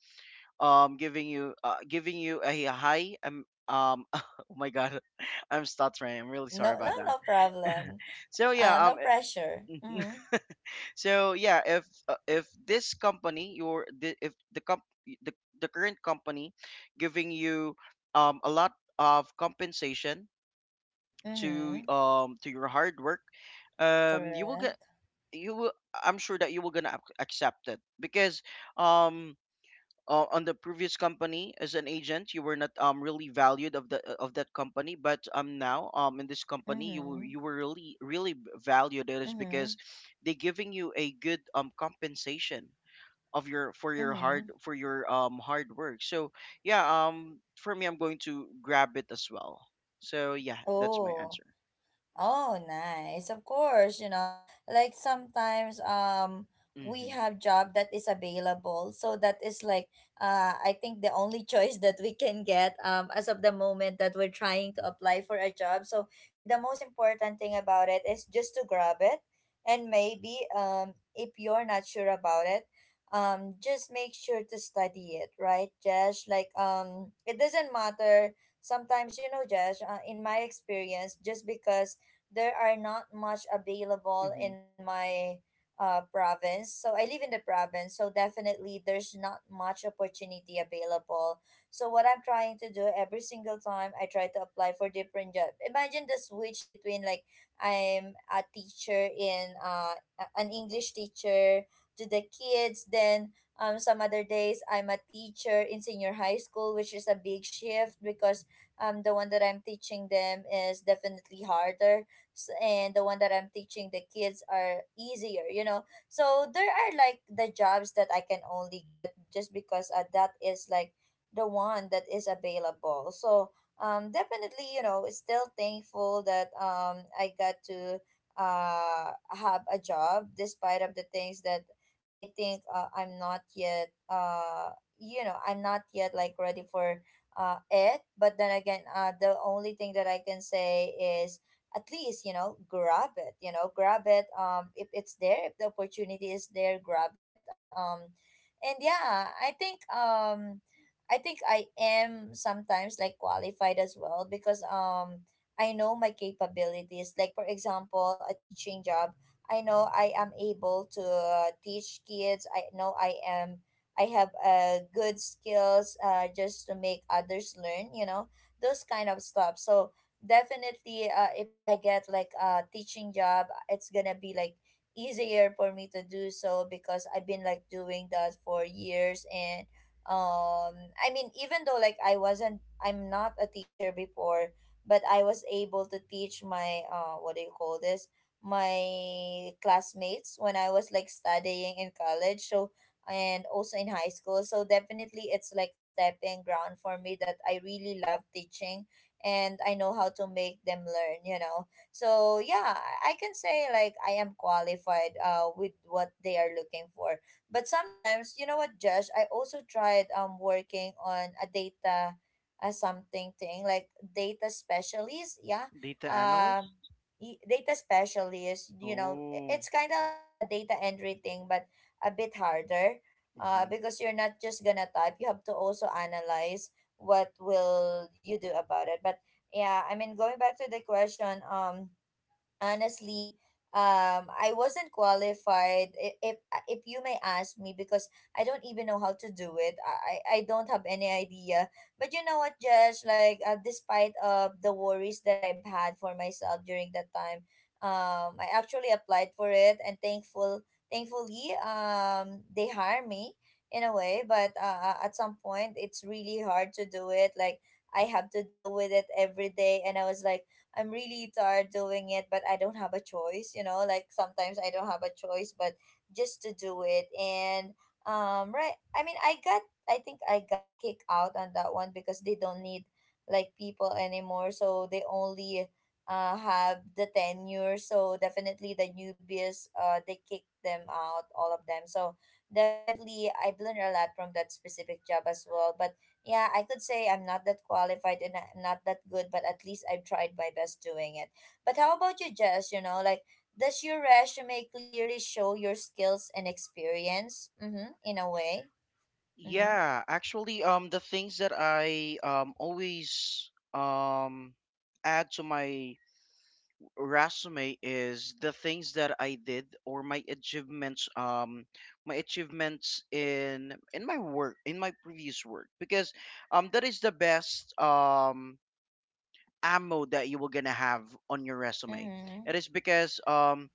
giving you a high oh my god I'm stuttering. I'm really sorry No, no, about that. no problem. So yeah. No pressure. Mhm. So yeah, if this company your the, if the comp the current company giving you a lot of compensation to Mhm. um to your hard work. You will get Correct. you will I'm sure that you will gonna accept it, because um on the previous company as an agent, you were not really valued of that company. But now in this company, you were- Mhm. you were really really valued. It is Mhm. because they giving you a good compensation of your for your Mhm. Hard work. So yeah, for me, I'm going to grab it as well. So yeah, that's my Oh. answer. Oh, nice. Of course, you know, like sometimes we Mm-hmm. have job that is available. So that is like I think the only choice that we can get as of the moment that we're trying to apply for a job. So the most important thing about it is just to grab it, and maybe if you're not sure about it, just make sure to study it, right, Josh? Like it doesn't matter sometimes, you know, Josh, in my experience, just because there are not much available Mm-hmm. in my province. So I live in the province, so definitely there's not much opportunity available. So what I'm trying to do every single time, I try to apply for different job. Imagine the switch between like I'm a teacher in an English teacher to the kids, then some other days I'm a teacher in senior high school, which is a big shift because the one that I'm teaching them is definitely harder, and the one that I'm teaching the kids are easier, you know. So there are like the jobs that I can only get just because that is like the one that is available. So definitely, you know, still thankful that I got to have a job, despite of the things that I think I'm not yet you know, I'm not yet like ready for it. But then again, uh, the only thing that I can say is at least, you know, grab it, you know, grab it, if it's there, if the opportunity is there, grab it. And yeah, I think I think I am sometimes like qualified as well, because I know my capabilities. Like for example, a teaching job, I know I am able to teach kids. I know I have uh, good skills uh, just to make others learn, you know, those kind of stuff. So definitely uh, if I get like a teaching job, it's going to be like easier for me to do so because I've been like doing that for years. And um I mean, even though like I'm not a teacher before, but I was able to teach my uh, what do you call this, my classmates when I was like studying in college, so, and also in high school. So definitely it's like a stepping ground for me that I really love teaching, and I know how to make them learn, you know. So yeah, I can say like I am qualified uh, with what they are looking for. But sometimes, you know what, Josh, I also tried working on a data something, thing like data specialist, yeah. Data Um analyst? Data specialist, you know, Oh. it's kind of like a data entry thing, but a bit harder. Because you're not just gonna type, you have to also analyze what will you do about it. But yeah, I mean, going back to the question, honestly I wasn't qualified. If you may ask me, because I don't even know how to do it. I don't have any idea. But you know what, Josh, like despite of the worries that I've had for myself during that time, I actually applied for it, and thankfully they hire me in a way. But at some point it's really hard to do it, like I have to deal with it every day, and I was like I'm really tired doing it, but I don't have a choice, you know, like sometimes I don't have a choice, but just to do it. And, right, I mean, I think I got kicked out on that one because they don't need like people anymore. So they only, have the tenure. So definitely the newbies, they kicked them out, all of them. So definitely I've learned a lot from that specific job as well. But yeah, I could say I'm not that qualified and not that good, but at least I've tried my best doing it. But how about you, Jess? You know, like does your resume clearly show your skills and experience? Mm-hmm, in a way. Mm-hmm, Yeah, actually, the things that I always add to my resume is the things that I did or my achievements in my work, in my previous work, because that is the best ammo that you were gonna have on your resume. mm-hmm, It is because,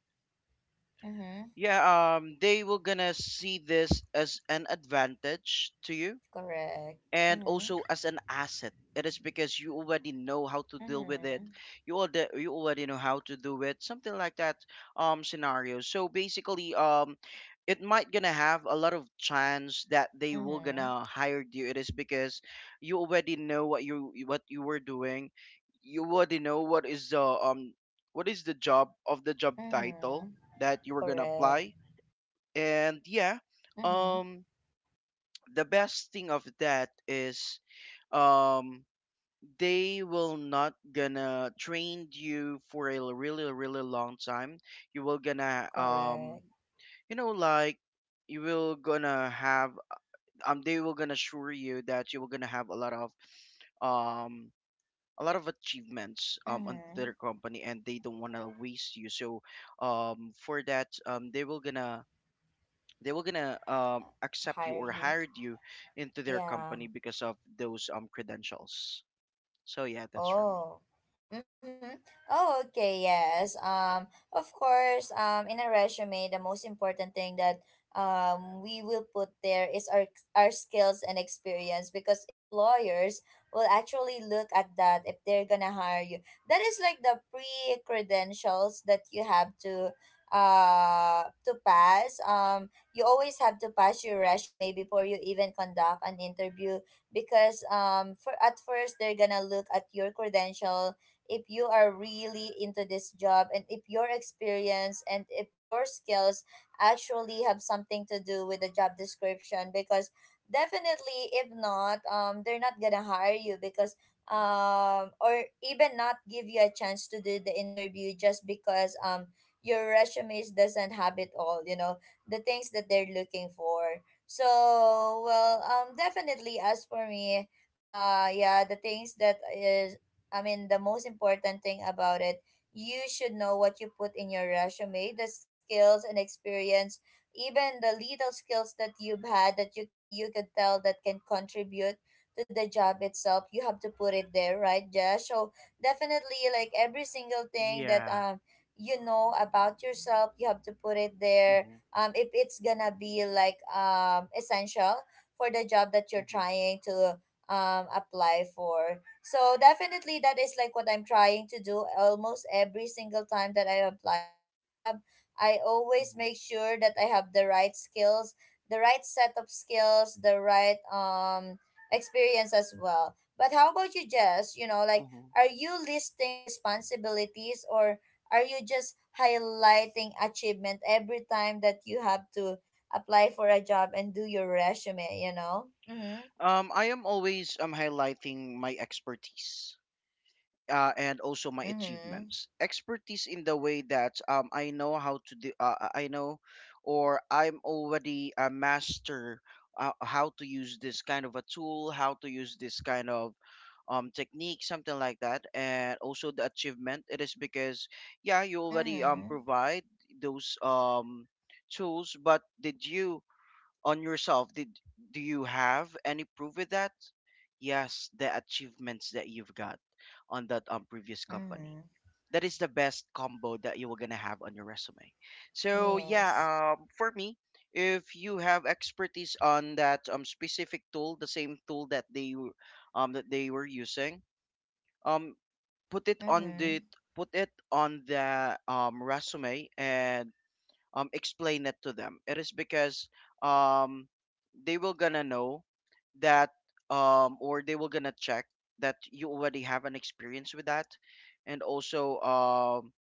mm-hmm, yeah, they were gonna see this as an advantage to you correct. and Mm-hmm, also as an asset. It is because you already know how to deal with it. mm-hmm, You already know how to do it, something like that scenario. So basically, it might gonna have a lot of chance that they will mm-hmm, gonna hire you. It is because you already know what you were doing. You already know what is the job of the job mm-hmm, title that you were gonna correct. apply. And yeah, Mm-hmm, um the best thing of that is, um they will not gonna train you for a really really long time. you will gonna um correct. you know like you will gonna have, they will gonna assure you that you will gonna have a lot of, um a lot of achievements on their Mm-hmm, company, and they don't want to waste you. So for that, they were gonna accept you or hire hired you. you into their company Yeah. because of those credentials. So yeah, that's for me. Oh. Mm-hmm. Oh, okay, yes. Of course, in a resume, the most important thing that we will put there is our skills and experience, because employers will actually look at that if they're gonna hire you. That is like the pre credentials that you have uh to pass. You always have to pass your resume before you even conduct an interview, because for at first they're gonna look at your credential, if you are really into this job, and if your experience and if your skills actually have something to do with the job description. Because definitely if not, they're not gonna hire you, because or even not give you a chance to do the interview, just because your resumes doesn't have it all, you know, the things that they're looking for. So well, definitely as for me, yeah, the things that is, I mean, the most important thing about it, you should know what you put in your resume, the skills and experience, even the little skills that you've had that you could tell that can contribute to the job itself. You have to put it there, right, Josh? So definitely, like every single thing that Yeah. You know about yourself, you have to put it there Mm-hmm, if it's gonna be like essential for the job that you're mm-hmm, trying to apply for. So definitely that is like what I'm trying to do almost every single time that I applied for a job. I always mm-hmm, make sure that I have the right skills, the right set of skills, the right experience as well. But how about you, Jess? You know, like mm-hmm. are you listing responsibilities, or are you just highlighting achievement every time that you have to apply for a job and do your resume, you know? Mhm. I am always highlighting my expertise. And also my Mhm. achievements, expertise in the way that, I know how to do, I know, or I'm already a master, how to use this kind of a tool, how to use this kind of technique, something like that. And also the achievement, it is because, yeah, you already Mhm. provide those tools. But did you, on yourself, did do you have any proof with that? Yes, the achievements that you've got on that previous company, Mhm. that is the best combo that you were gonna have on your resume. So yeah, Yes. For me, if you have expertise on that specific tool, the same tool that that they were using, um put it on the Mhm. put it on the resume, and explain it to them. It is because, um they will gonna know that, or they will gonna check that you already have an experience with that. And also,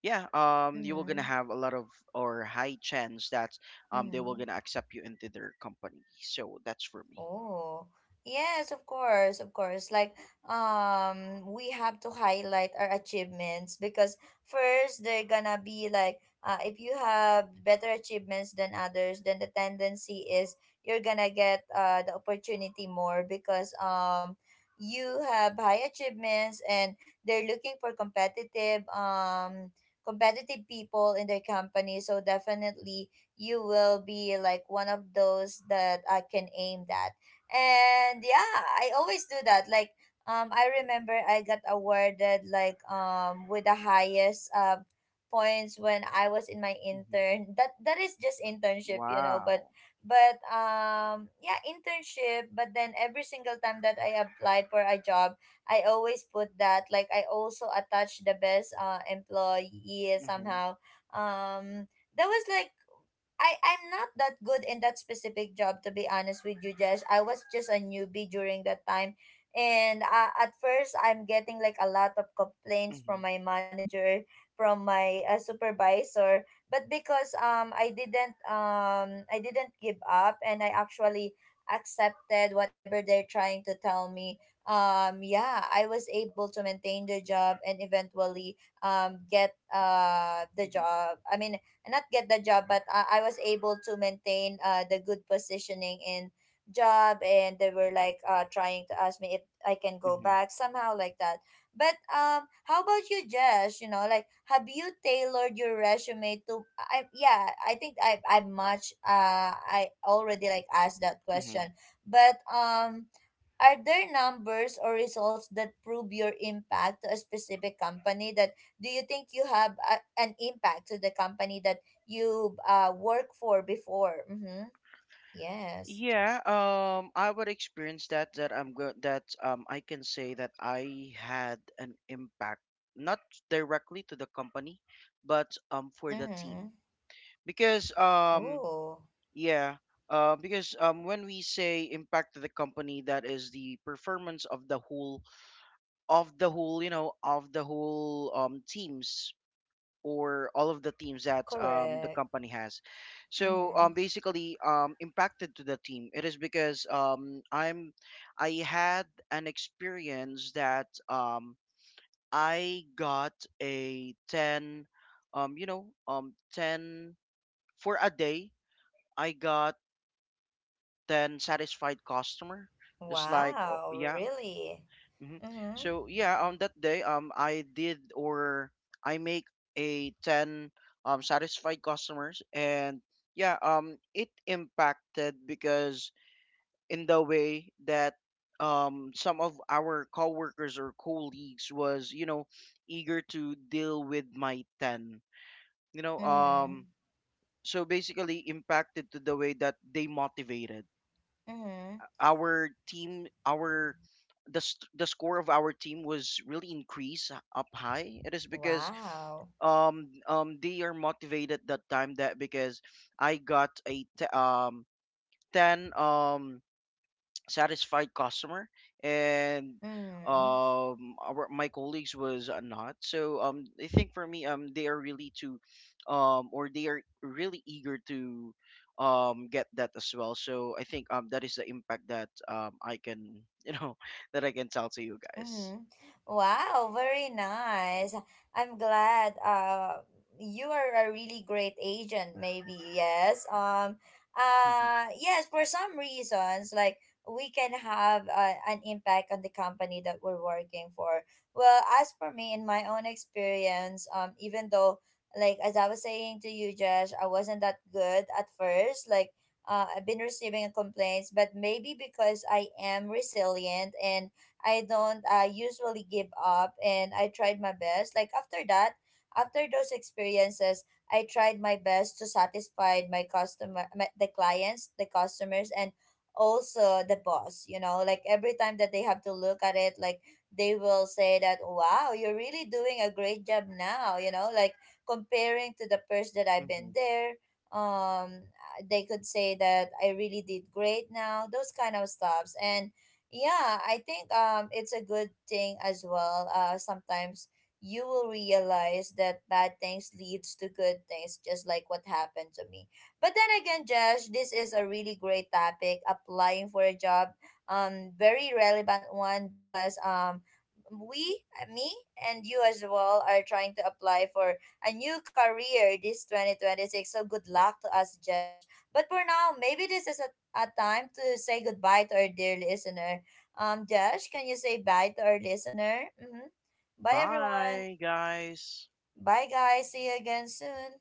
yeah, you will gonna Mhm. have a lot of, or high chance that, they will Mhm. gonna accept you into their company. So that's for me. Oh, yes, of course, of course. Like, we have to highlight our achievements, because first they're gonna be like, if you have better achievements than others, then the tendency is you're gonna get uh, the opportunity more, because you have high achievements, and they're looking for competitive competitive people in their company. So definitely you will be like one of those that I can aim at. And yeah, I always do that. Like I remember I got awarded like with the highest points when I was in my Hmm. intern. That is just internship, you know, but Wow. but yeah, internship. But then every single time that I applied for a job, I always put that, like I also attach the best uh, employee Hmm. somehow. Um, that was like I'm not that good in that specific job, to be honest with you, Jess. I was just a newbie during that time, and at first I'm getting like a lot of complaints from Hmm. my manager, from my supervisor. But because um, I didn't give up, and I actually accepted whatever they're trying to tell me. Um, yeah, I was able to maintain the job, and eventually get uh, the job. I mean, and not get the job, but I was able to maintain the good positioning in job, and they were like trying to ask me if I can go Hmm. back somehow like that. But how about you, Jess? You know, like have you tailored your resume to I yeah I think I much uh, I already like asked that question. Hmm. But are there numbers or results that prove your impact to a specific company? That do you think you have an impact to the company that you work for before? Mm-hmm. Yes. Yeah, I would experience that I'm good, that I can say that I had an impact, not directly to the company, but for the team. Mm-hmm. Because, Oh, yeah, because when we say impact to the company, that is the performance of the whole teams, or all of the teams that, the correct. company has. So, Mm-hmm. Basically, impacted to the team. It is because, I had an experience that, I got a 10, 10 for a day. I got 10 satisfied customer. Just like, oh, Wow, yeah. really? Hmm. Mm-hmm. So yeah, on that day, I did, or I make a 10 satisfied customers, and yeah, it impacted because, in the way that some of our coworkers or colleagues was, eager to deal with my 10, you know, Mm-hmm. um, so basically impacted to the way that they motivated Mm-hmm. our team. Our The score of our team was really increased, up high. It is because Wow. They are motivated that time, that because I got a 10 satisfied customer, and Mm-hmm. Our my colleagues was, not so, I think, for me, they are really to, or they are really eager to, get that as well. So I think, that is the impact that, I can you know that I can tell to you guys Mm-hmm. Wow, very nice. I'm glad uh, you are a really great agent maybe. Yes. Yes, for some reasons like we can have an impact on the company that we're working for. Well, as for me in my own experience, even though like as I was saying to you, Josh, I wasn't that good at first. Like I've been receiving complaints, but maybe because I am resilient and I don't usually give up, and I tried my best. Like after that, after those experiences, I tried my best to satisfy my customer, my, the clients, the customers, and also the boss. You know, like every time that they have to look at it, like they will say that, wow, you're really doing a great job now. You know, like comparing to the first that I've been Mhm. there, um they could say that I really did great now, those kind of stuffs. And yeah, I think it's a good thing as well. Uh, sometimes you will realize that bad things leads to good things, just like what happened to me. But then again, Josh, this is a really great topic, applying for a job. Um, very relevant one because we me and you as well are trying to apply for a new career this 2026, so good luck to us, Josh. But for now, maybe this is a time to say goodbye to our dear listener. Um, Josh, can you say bye to our listener? Mm-hmm. Bye, everyone. Bye, guys. Bye, guys. See you again soon.